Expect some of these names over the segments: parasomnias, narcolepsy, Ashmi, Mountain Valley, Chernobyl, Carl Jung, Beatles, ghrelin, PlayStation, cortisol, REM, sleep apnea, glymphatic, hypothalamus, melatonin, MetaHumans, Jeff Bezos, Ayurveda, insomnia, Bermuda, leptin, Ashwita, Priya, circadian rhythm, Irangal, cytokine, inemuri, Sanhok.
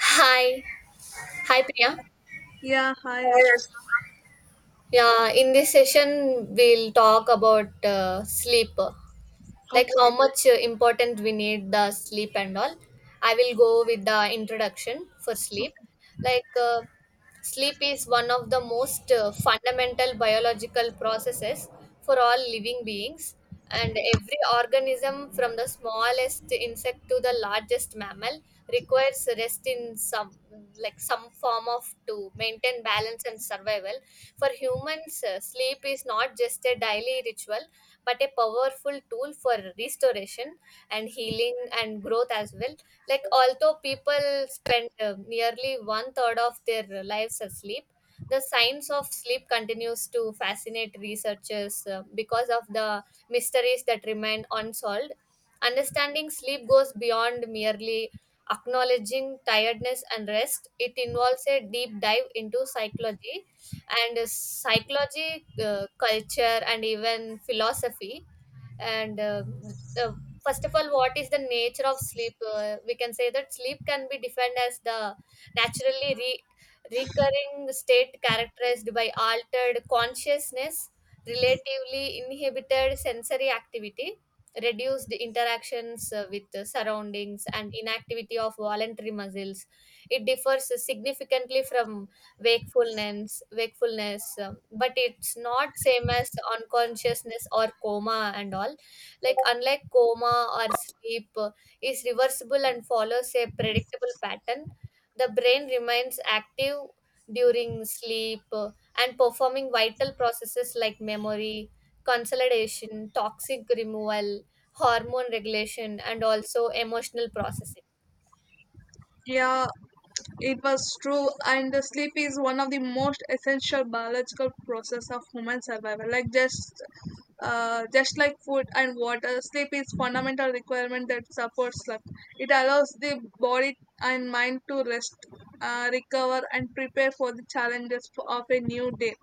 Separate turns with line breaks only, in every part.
Hi, hi Priya.
Yeah, hi, Ashmi.
Yeah, in this session we'll talk about sleep. Like how
Okay.
much important we need the sleep and all. I will go with the introduction for sleep. like uh, Sleep is one of the most fundamental biological processes for all living beings, and every organism from the smallest insect to the largest mammal requires rest in some, like some form of, to maintain balance and survival. For humans means sleep is not just a daily ritual but a powerful tool for restoration and healing and growth as well. Like although people spend nearly one third of their lives asleep, the science of sleep continues to fascinate researchers because of the mysteries that remain unsolved. Understanding sleep goes beyond merely acknowledging tiredness and rest. It involves a deep dive into psychology and culture, and even philosophy. And uh, First of all, what is the nature of sleep? We can say that sleep can be defined as the naturally re- recurring state characterized by altered consciousness, relatively inhibited sensory activity. Reduced interactions with the surroundings, and inactivity of voluntary muscles. It differs significantly from wakefulness, but it's not same as unconsciousness or coma and all. Like unlike coma or sleep, is reversible and follows a predictable pattern. The brain remains active during sleep, and performing vital processes like memory consolidation, toxic removal, hormone regulation, and also emotional processing.
Yeah, it was true. And the sleep is one of the most essential biological process of human survival. Just like food and water, sleep is fundamental requirement that supports life. It allows the body and mind to rest, recover, and prepare for the challenges of a new day.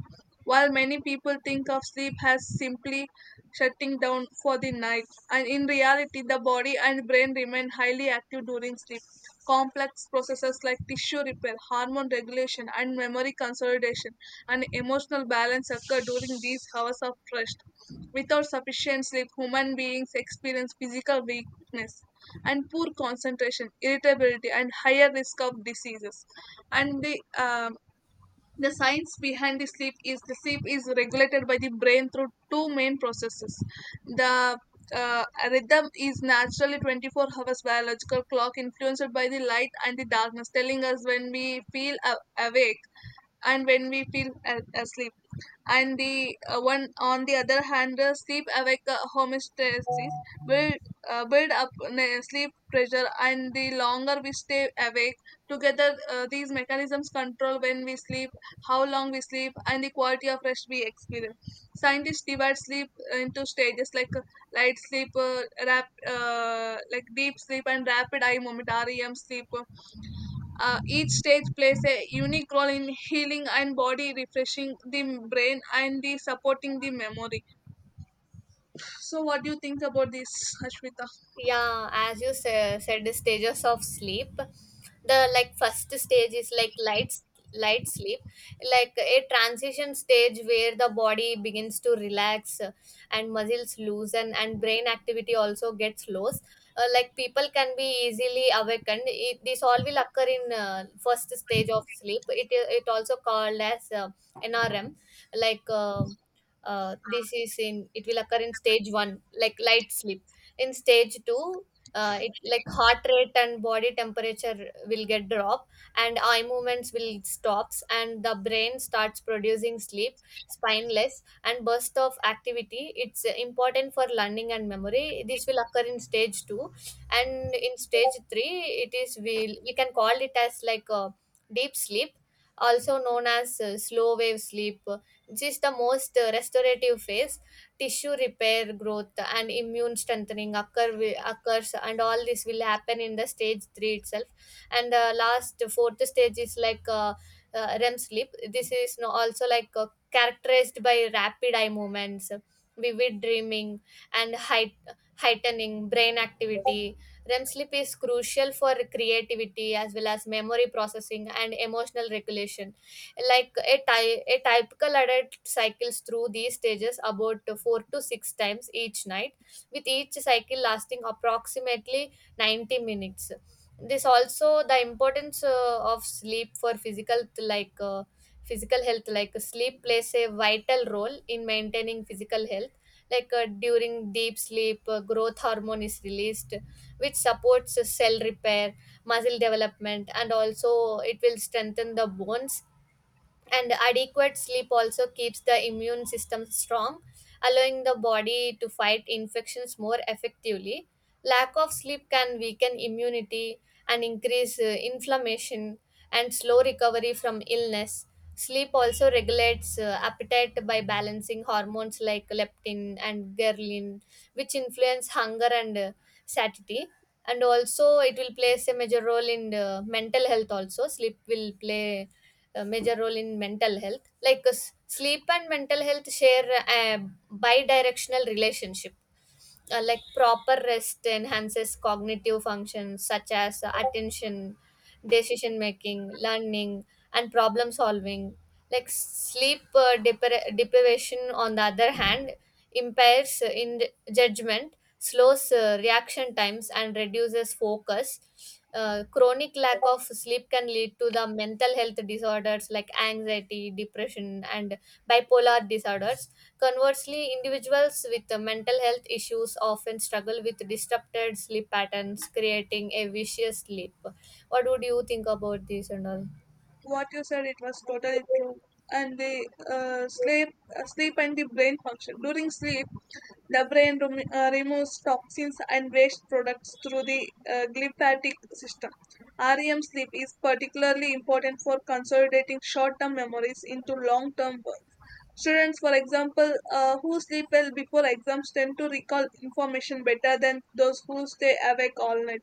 While many people think of sleep as simply shutting down for the night, and in reality, the body and brain remain highly active during sleep. Complex processes like tissue repair, hormone regulation, and memory consolidation and emotional balance occur during these hours of rest. Without sufficient sleep, human beings experience physical weakness and poor concentration, irritability, and higher risk of diseases. And the science behind the sleep is regulated by the brain through two main processes. The uh, rhythm is naturally 24 hours biological clock influenced by the light and the darkness, telling us when we feel awake and when we feel asleep. And the one on the other hand, sleep awake homeostasis build build up sleep pressure, and the longer we stay awake together, these mechanisms control when we sleep, how long we sleep, and the quality of rest we experience. Scientists divide sleep into stages like deep sleep and rapid eye momentarium sleep. Each stage plays a unique role in healing and body refreshing the brain and the supporting the memory. So what do you think about this, Ashwita?
Yeah, as you said the stages of sleep, the like first stage is like light sleep, like a transition stage where the body begins to relax, and muscles loosen and brain activity also gets lows. Like people can be easily awakened. It, this all will occur in first stage of sleep. It also called as nrm, like um this is in, it will occur in stage 1 like light sleep. In stage 2, it like heart rate and body temperature will get drop and eye movements will stops, and the brain starts producing sleep spineless and burst of activity. It's important for learning and memory. This will occur in stage 2. And in stage 3, it is we can call it as like a deep sleep, also known as slow wave sleep. This is the most restorative phase. Tissue repair, growth and immune strengthening occurs, and all this will happen in the stage 3 itself. And the last fourth stage is REM sleep. This is no, also like characterized by rapid eye movements, vivid dreaming, and heightening brain activity. REM sleep is crucial for creativity as well as memory processing and emotional regulation. Like a a typical adult cycles through these stages about 4 to 6 times each night, with each cycle lasting approximately 90 minutes. This also the importance of sleep for physical, physical health. Like sleep plays a vital role in maintaining physical health. During deep sleep, growth hormone is released which supports cell repair, muscle development, and also it will strengthen the bones. And adequate sleep also keeps the immune system strong, allowing the body to fight infections more effectively. Lack of sleep can weaken immunity and increase inflammation and slow recovery from illness. Sleep also regulates appetite by balancing hormones like leptin and ghrelin, which influence hunger and satiety. And also it will play a major role in mental health. Also sleep will play a major role in mental health. Sleep and mental health share a bi-directional relationship. Like proper rest enhances cognitive functions such as attention, decision making, learning, and problem solving. Like sleep deprivation, on the other hand, impairs in judgment, slows reaction times, and reduces focus. Chronic lack of sleep can lead to the mental health disorders like anxiety, depression, and bipolar disorders. Conversely, individuals with mental health issues often struggle with disrupted sleep patterns, creating a vicious loop. What would you think about this and all?
What you said it was totally true. And the sleep and the brain function during sleep. The brain removes toxins and waste products through the glymphatic system. REM sleep is particularly important for consolidating short term memories into long term ones. Students, for example, who sleep well before exams tend to recall information better than those who stay awake all night.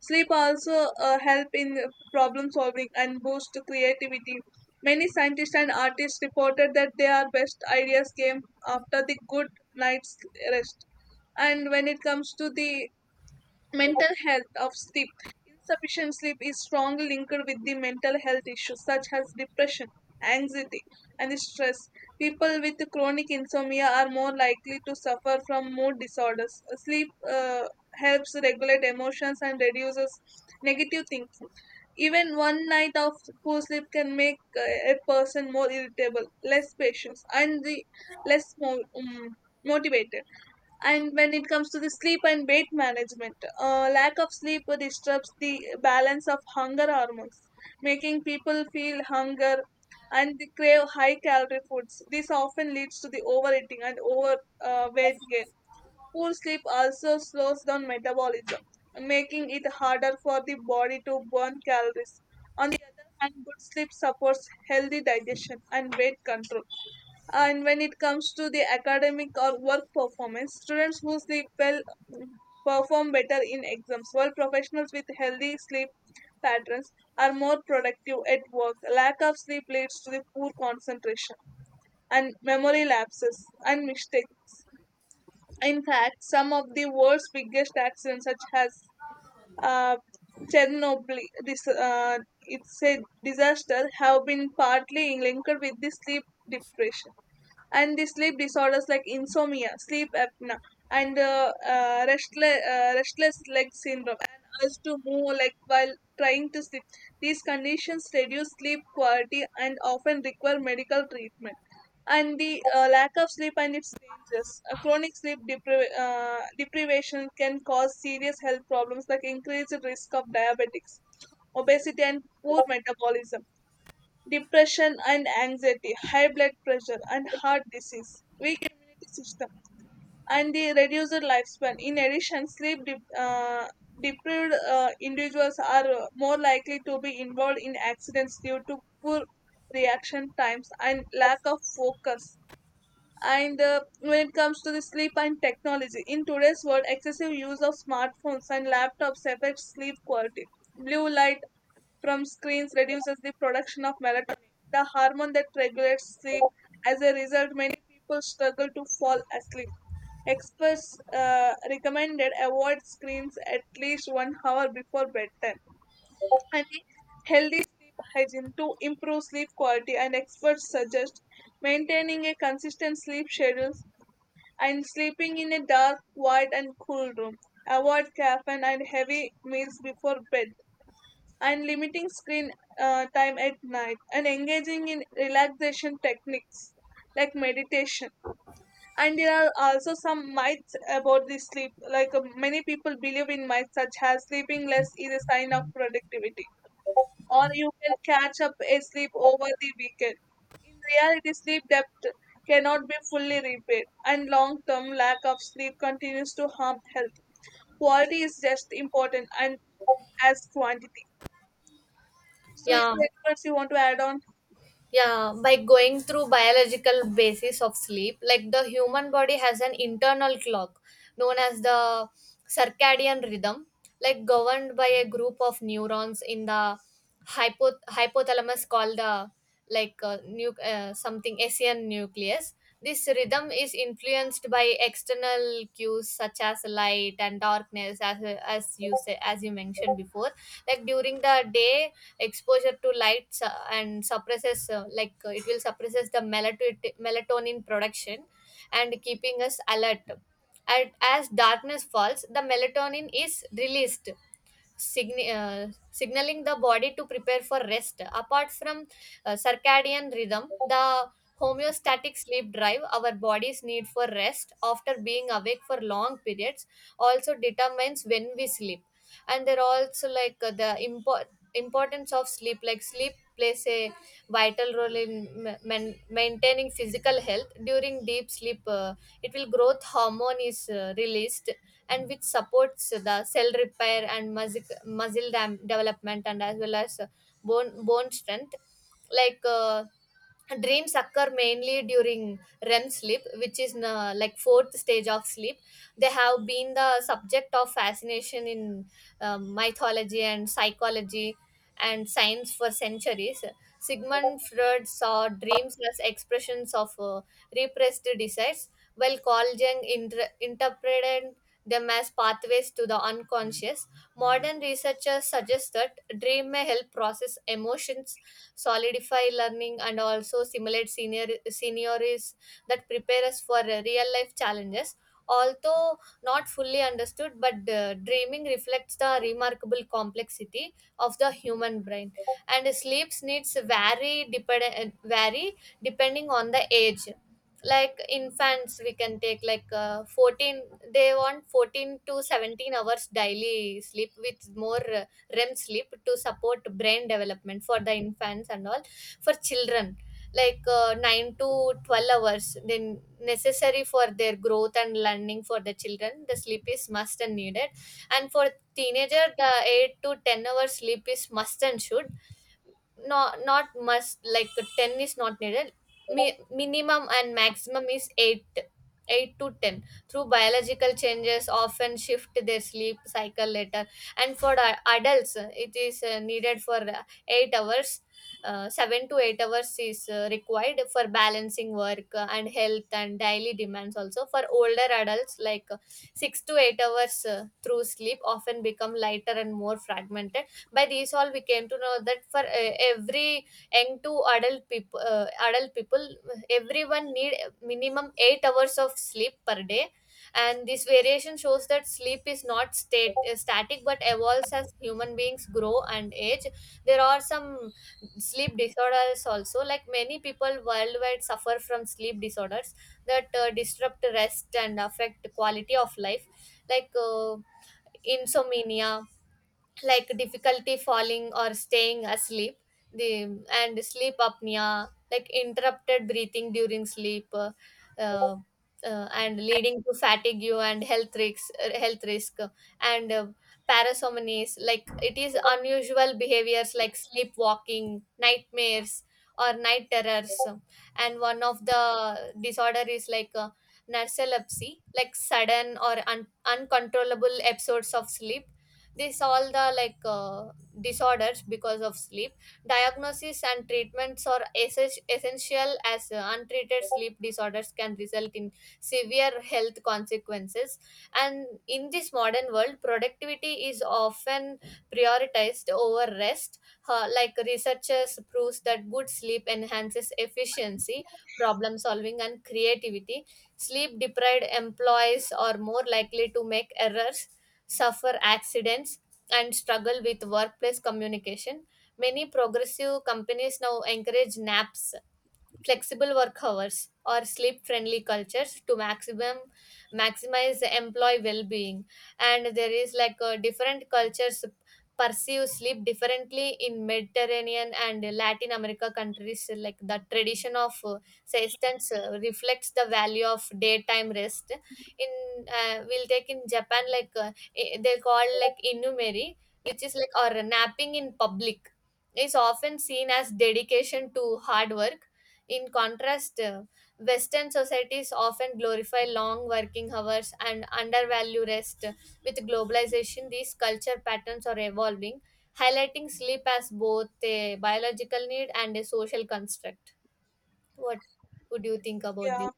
Sleep also help in problem solving and boost creativity. Many scientists and artists reported that their best ideas came after the good night's rest. And when it comes to the mental health of sleep, insufficient sleep is strongly linked with the mental health issues such as depression, anxiety, and stress. People with chronic insomnia are more likely to suffer from mood disorders. Sleep helps regulate emotions and reduces negative thinking. Even one night of poor sleep can make a person more irritable, less patient, and less mo- um, motivated. And when it comes to the sleep and weight management, lack of sleep disrupts the balance of hunger hormones, making people feel hunger and they crave high calorie foods. This often leads to the overeating and over weight gain. Poor sleep also slows down metabolism, making it harder for the body to burn calories. On the other hand, good sleep supports healthy digestion and weight control. And when it comes to the academic or work performance, students who sleep well mm, perform better in exams, while professionals with healthy sleep patterns are more productive at work. Lack of sleep leads to the poor concentration and memory lapses and mistakes. In fact, some of the world's biggest accidents, such as uh, Chernobyl, this it's a disaster, have been partly linked with the sleep depression and the sleep disorders like insomnia, sleep apnea, and restless leg syndrome, and urge to move like while trying to sleep. These conditions reduce sleep quality and often require medical treatment. And the lack of sleep and its dangers. Chronic sleep deprivation can cause serious health problems like increased risk of diabetics, obesity, and poor metabolism, depression and anxiety, high blood pressure and heart disease, weak immunity system, and the reduced lifespan. In addition, deprived individuals are more likely to be involved in accidents due to poor reaction times and lack of focus. And when it comes to the sleep and technology, in today's world, excessive use of smartphones and laptops affects sleep quality. Blue light from screens reduces the production of melatonin, the hormone that regulates sleep. As a result, many people struggle to fall asleep. Experts recommended avoid screens at least 1 hour before bedtime. And healthy sleep hygiene to improve sleep quality. And experts suggest maintaining a consistent sleep schedule and sleeping in a dark, quiet, and cool room. Avoid caffeine and heavy meals before bed and limiting screen time at night and engaging in relaxation techniques like meditation. And there are also some myths about the sleep, like many people believe in myths such as sleeping less is a sign of productivity or you can catch up a sleep over the weekend. In reality, sleep depth cannot be fully repaid and long term lack of sleep continues to harm health. Quality is just important and as quantity. So is
Yeah,
there anything else you want to add on?
yeah, by going through biological basis of sleep. Like the human body has an internal clock known as the circadian rhythm, governed by a group of neurons in the hypothalamus called the something asian nucleus. This rhythm is influenced by external cues such as light and darkness, as you say, as you mentioned before. Like during the day, exposure to lights and suppresses, it will suppresses the melatonin production and keeping us alert. And as darkness falls, the melatonin is released, signaling the body to prepare for rest. Apart from circadian rhythm, the homeostatic sleep drive, our bodies need for rest after being awake for long periods, also determines when we sleep. And there are also importance of sleep. Like sleep plays a vital role in maintaining physical health. During deep sleep, it will growth hormone is released, and which supports the cell repair and development, and as well as bone strength. like uh, Dreams occur mainly during REM sleep, which is like fourth stage of sleep. They have been the subject of fascination in mythology and psychology and science for centuries. Sigmund Freud saw dreams as expressions of repressed desires, while Carl Jung interpreted them as pathways to the unconscious. Modern researchers suggest that dream may help process emotions, solidify learning, and also simulate senior seniors that prepare us for real life challenges. Although not fully understood, but dreaming reflects the remarkable complexity of the human brain. And sleep's needs vary depending on the age. Like infants, we can take like uh, 14 they want 14 to 17 hours daily sleep, with more REM sleep to support brain development for the infants and all. For children, like 9 to 12 hours then necessary for their growth and learning. For the children the sleep is must and needed. And for teenager, the 8 to 10 hours sleep is must and should, not not must, like 10 is not needed. Minimum and maximum is 8, 8 to 10. Through biological changes often shift their sleep cycle later. And for adults, it is needed for uh, 8 hours uh, 7 to 8 hours is required for balancing work and health and daily demands. Also for older adults, like 6 to 8 hours, through sleep often become lighter and more fragmented. By these all we came to know that for every young to adult people everyone need minimum 8 hours of sleep per day. And this variation shows that sleep is not static but evolves as human beings grow and age. There are some sleep disorders also. Like many people worldwide suffer from sleep disorders that disrupt rest and affect quality of life. Like insomnia, like difficulty falling or staying asleep. The and Sleep apnea, like interrupted breathing during sleep, uh, and leading to fatigue and health risk. And parasomnias, like it is unusual behaviors like sleepwalking, nightmares, or night terrors. And one of the disorder is like narcolepsy, like sudden or uncontrollable episodes of sleep. This all the disorders because of sleep. Diagnosis and treatments are essential, as untreated sleep disorders can result in severe health consequences. And in this modern world, productivity is often prioritized over rest. Like researchers proves that good sleep enhances efficiency, problem solving, and creativity. Sleep deprived employees are more likely to make errors, suffer accidents, and struggle with workplace communication. Many progressive companies now encourage naps, flexible work hours, or sleep friendly cultures to maximum maximize employee well-being. And there is like different cultures perceive sleep differently. In Mediterranean and Latin America countries, like the tradition of siestans reflects the value of daytime rest. In we'll take in Japan, like they call like inumeri, which is like or napping in public, is often seen as dedication to hard work. In contrast, Western societies often glorify long working hours and undervalue rest. With globalization, these culture patterns are evolving, highlighting sleep as both a biological need and a social construct. What would you think about this?
Yeah,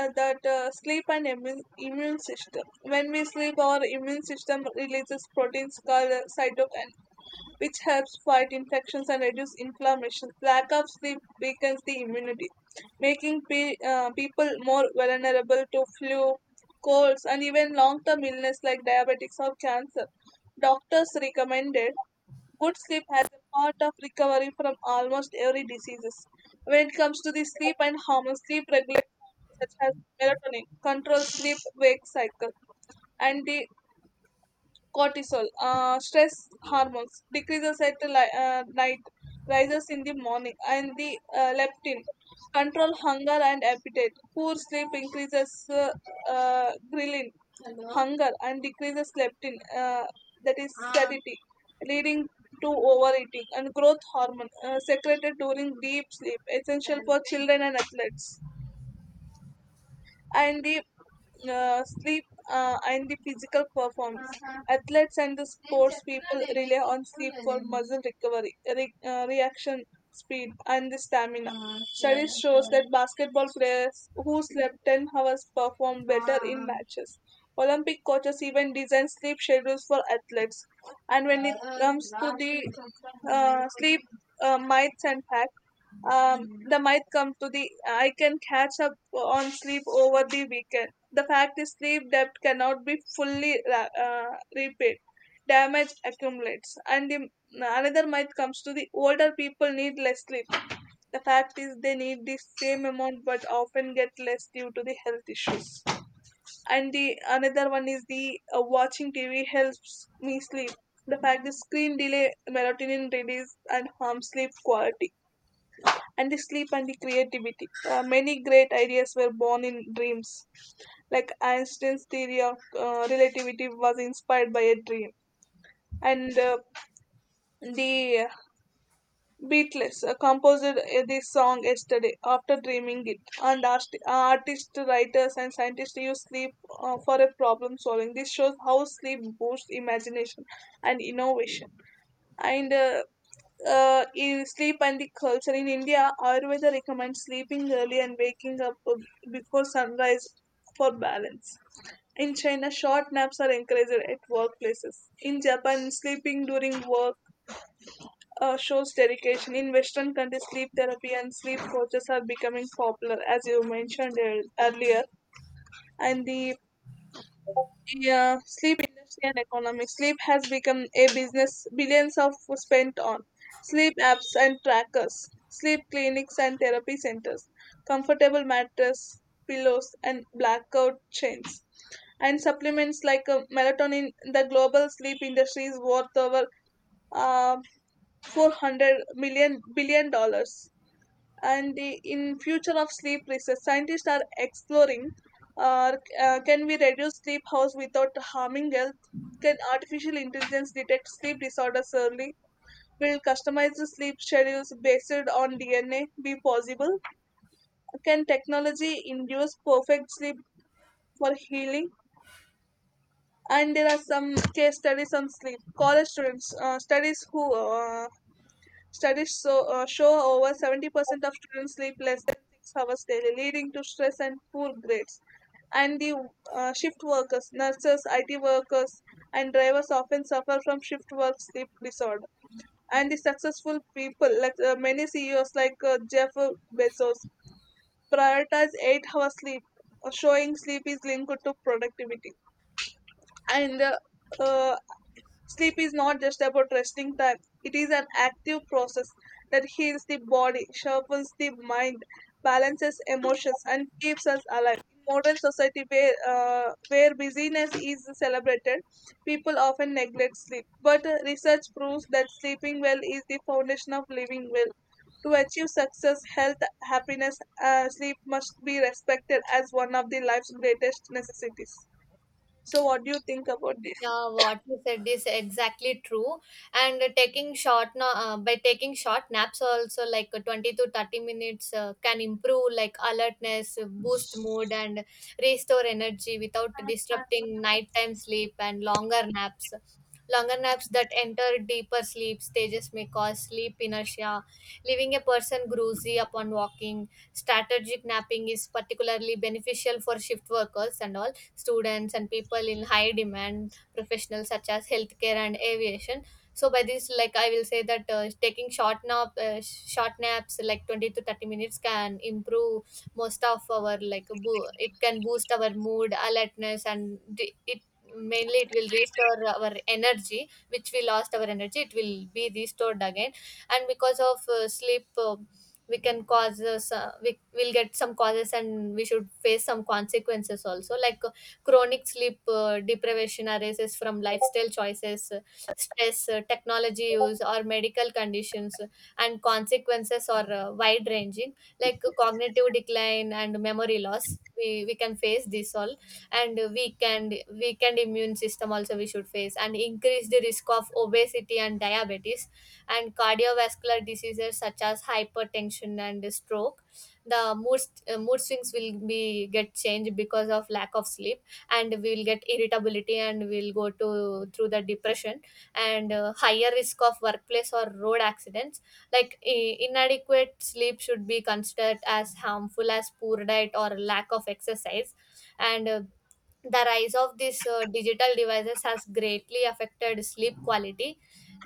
that sleep and immune system. When we sleep, our immune system releases proteins called cytokine, which helps fight infections and reduce inflammation. Lack of sleep weakens the immunity, making people more vulnerable to flu, colds, and even long-term illness like diabetics or cancer. Doctors recommended good sleep has a part of recovery from almost every diseases. When it comes to the sleep and hormones, sleep regulates hormones such as melatonin, controls sleep-wake cycle, and the cortisol, stress hormones, decreases at night, rises in the morning, and the leptin, control hunger and appetite. Poor sleep increases ghrelin, hunger, and decreases leptin, that is satiety, leading to overeating, and growth hormone secreted during deep sleep, essential for children and athletes. And the sleep and the physical performance. Athletes and the sports people rely on sleep for muscle recovery, reaction speed, and the stamina. Studies shows that basketball players who slept 10 hours perform better in matches. Olympic coaches even design sleep schedules for athletes. And when it comes to the sleep myths and facts, they might come to the I can catch up on sleep over the weekend. The fact is, sleep debt cannot be fully repaid. Damage accumulates, and the another might comes to the older people need less sleep. The fact is, they need the same amount but often get less due to the health issues. And the another one is the watching TV helps me sleep. The fact is, screen delay melatonin release and harm sleep quality. And the sleep and the creativity. Many great ideas were born in dreams, like Einstein's theory of relativity was inspired by a dream. And the Beatles composed this song yesterday after dreaming it. And artists, writers, and scientists use sleep for a problem solving. This shows how sleep boosts imagination and innovation. And in sleep and the culture in India, Ayurveda recommends sleeping early and waking up before sunrise for balance. In China, short naps are encouraged at workplaces. In Japan, sleeping during work shows dedication. In Western countries, sleep therapy and sleep coaches are becoming popular, as you mentioned earlier. And the yeah, sleep industry and economics. Sleep has become a business, billions of spent on sleep apps and trackers, sleep clinics and therapy centers, comfortable mattress, pillows and blackout chains, and supplements like melatonin. The global sleep industry is worth over uh, 400 million billion dollars. And the in future of sleep research, scientists are exploring uh, can we reduce sleep hours without harming health, can artificial intelligence detect sleep disorders early, will customized sleep schedules based on dna be possible, can technology induce perfect sleep for healing. And there are some case studies on sleep. College students studies who Studies so, show over 70% of students sleep less than 6 hours daily, leading to stress and poor grades. And the shift workers, nurses, IT workers, and drivers often suffer from shift work sleep disorder. And the successful people, like many CEOs like Jeff Bezos, prioritize 8 hour sleep, showing sleep is linked to productivity. And uh, sleep is not just about resting time, it is an active process that heals the body, sharpens the mind, balances emotions, and keeps us alive. In modern society where busyness is celebrated, people often neglect sleep. But research proves that sleeping well is the foundation of living well. To achieve success, health, happiness, sleep must be respected as one of the life's greatest necessities. So, what do you think about this?
Yeah, what you said is exactly true. And by taking short naps also, like 20 to 30 minutes can improve like alertness, boost mood and restore energy without disrupting nighttime sleep and longer naps. Longer naps that enter deeper sleep stages may cause sleep inertia, leaving a person groozy upon walking. Strategic napping is particularly beneficial for shift workers and all students and people in high demand professionals such as healthcare and aviation. So by this, like I will say that short naps like 20 to 30 minutes can improve most of our it can boost our mood, alertness, and it mainly it will restore our energy which we lost. Our energy it will be restored again. And because of sleep we can cause so- we will get some causes and we should face some consequences also. Like chronic sleep deprivation arises from lifestyle choices, stress, technology use, or medical conditions, and consequences are wide ranging. Like cognitive decline and memory loss. We can face this all, and weakened immune system also we should face, and increased risk of obesity and diabetes, and cardiovascular diseases such as hypertension and stroke. the mood, Mood swings will be get changed because of lack of sleep, and we'll get irritability, and we'll go to through the depression. And higher risk of workplace or road accidents. Like inadequate sleep should be considered as harmful as poor diet or lack of exercise. And the rise of these digital devices has greatly affected sleep quality.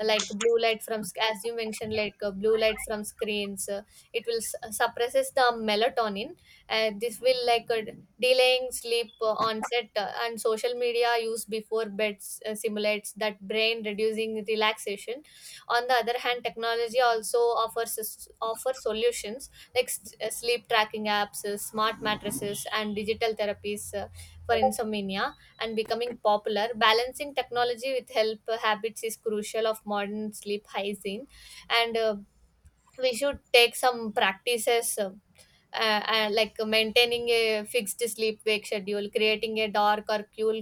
Like blue as you mentioned, like blue light from screens, suppresses the melatonin, and this will like delaying sleep onset. And social media use before bed simulates that brain, reducing relaxation. On the other hand, technology also offers offers solutions like sleep tracking apps, smart mattresses and digital therapies for insomnia and becoming popular. Balancing technology with health habits is crucial of modern sleep hygiene. And we should take some practices. Like maintaining a fixed sleep wake schedule, creating a dark or cool,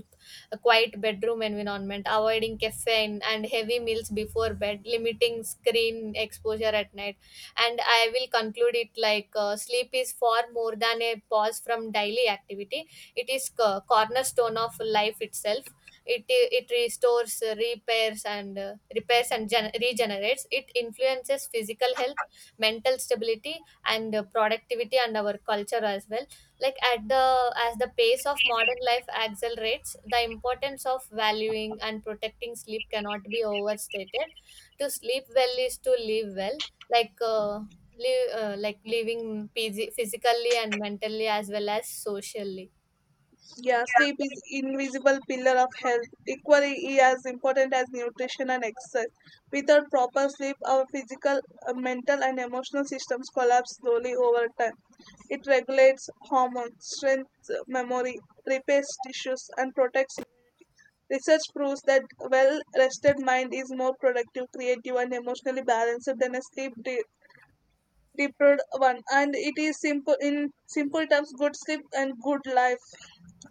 a quiet bedroom environment, avoiding caffeine and heavy meals before bed, limiting screen exposure at night. And I will conclude it like sleep is far more than a pause from daily activity, it is cornerstone of life itself. It restores, repairs and regenerates. It influences physical health, mental stability, and productivity, and our culture as well. Like at the As the pace of modern life accelerates, the importance of valuing and protecting sleep cannot be overstated. To sleep well is to live well. like uh, Live, like living physically and mentally as well as socially.
Yeah, sleep is invisible pillar of health, equally as important as nutrition and exercise. Without proper sleep, our physical, mental, and emotional systems collapse slowly over time. It regulates hormones, strength, memory, repairs tissues, and protects immunity. Research proves that well-rested mind is more productive, creative, and emotionally balanced than a deprived one. And it is simple in simple terms, good sleep and good life.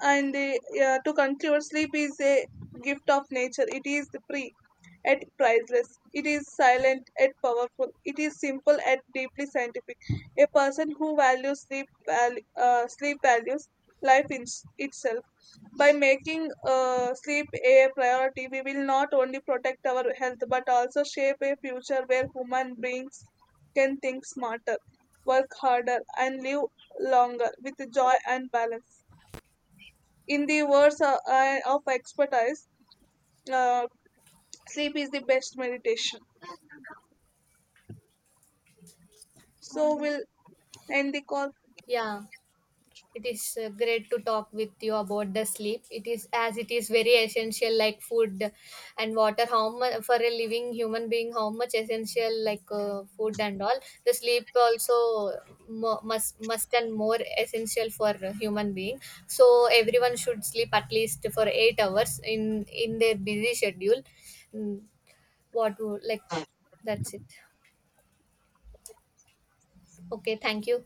And they, yeah, to conclude, sleep is a gift of nature, it is free at priceless, it is silent at powerful, it is simple at deeply scientific. A person who values sleep values life in itself. By making sleep a priority, we will not only protect our health but also shape a future where human beings can think smarter, work harder, and live longer with joy and balance. In the words of expertise, uh, sleep is the best meditation. So we'll end the call.
Yeah, it is great to talk with you about the sleep. It is, as it is very essential, like food and water. How much for a living human being, how much essential, like food and all. The sleep also must and more essential for a human being. So everyone should sleep at least for 8 hours in their busy schedule. Mm, what would, like that's it. Okay, thank you.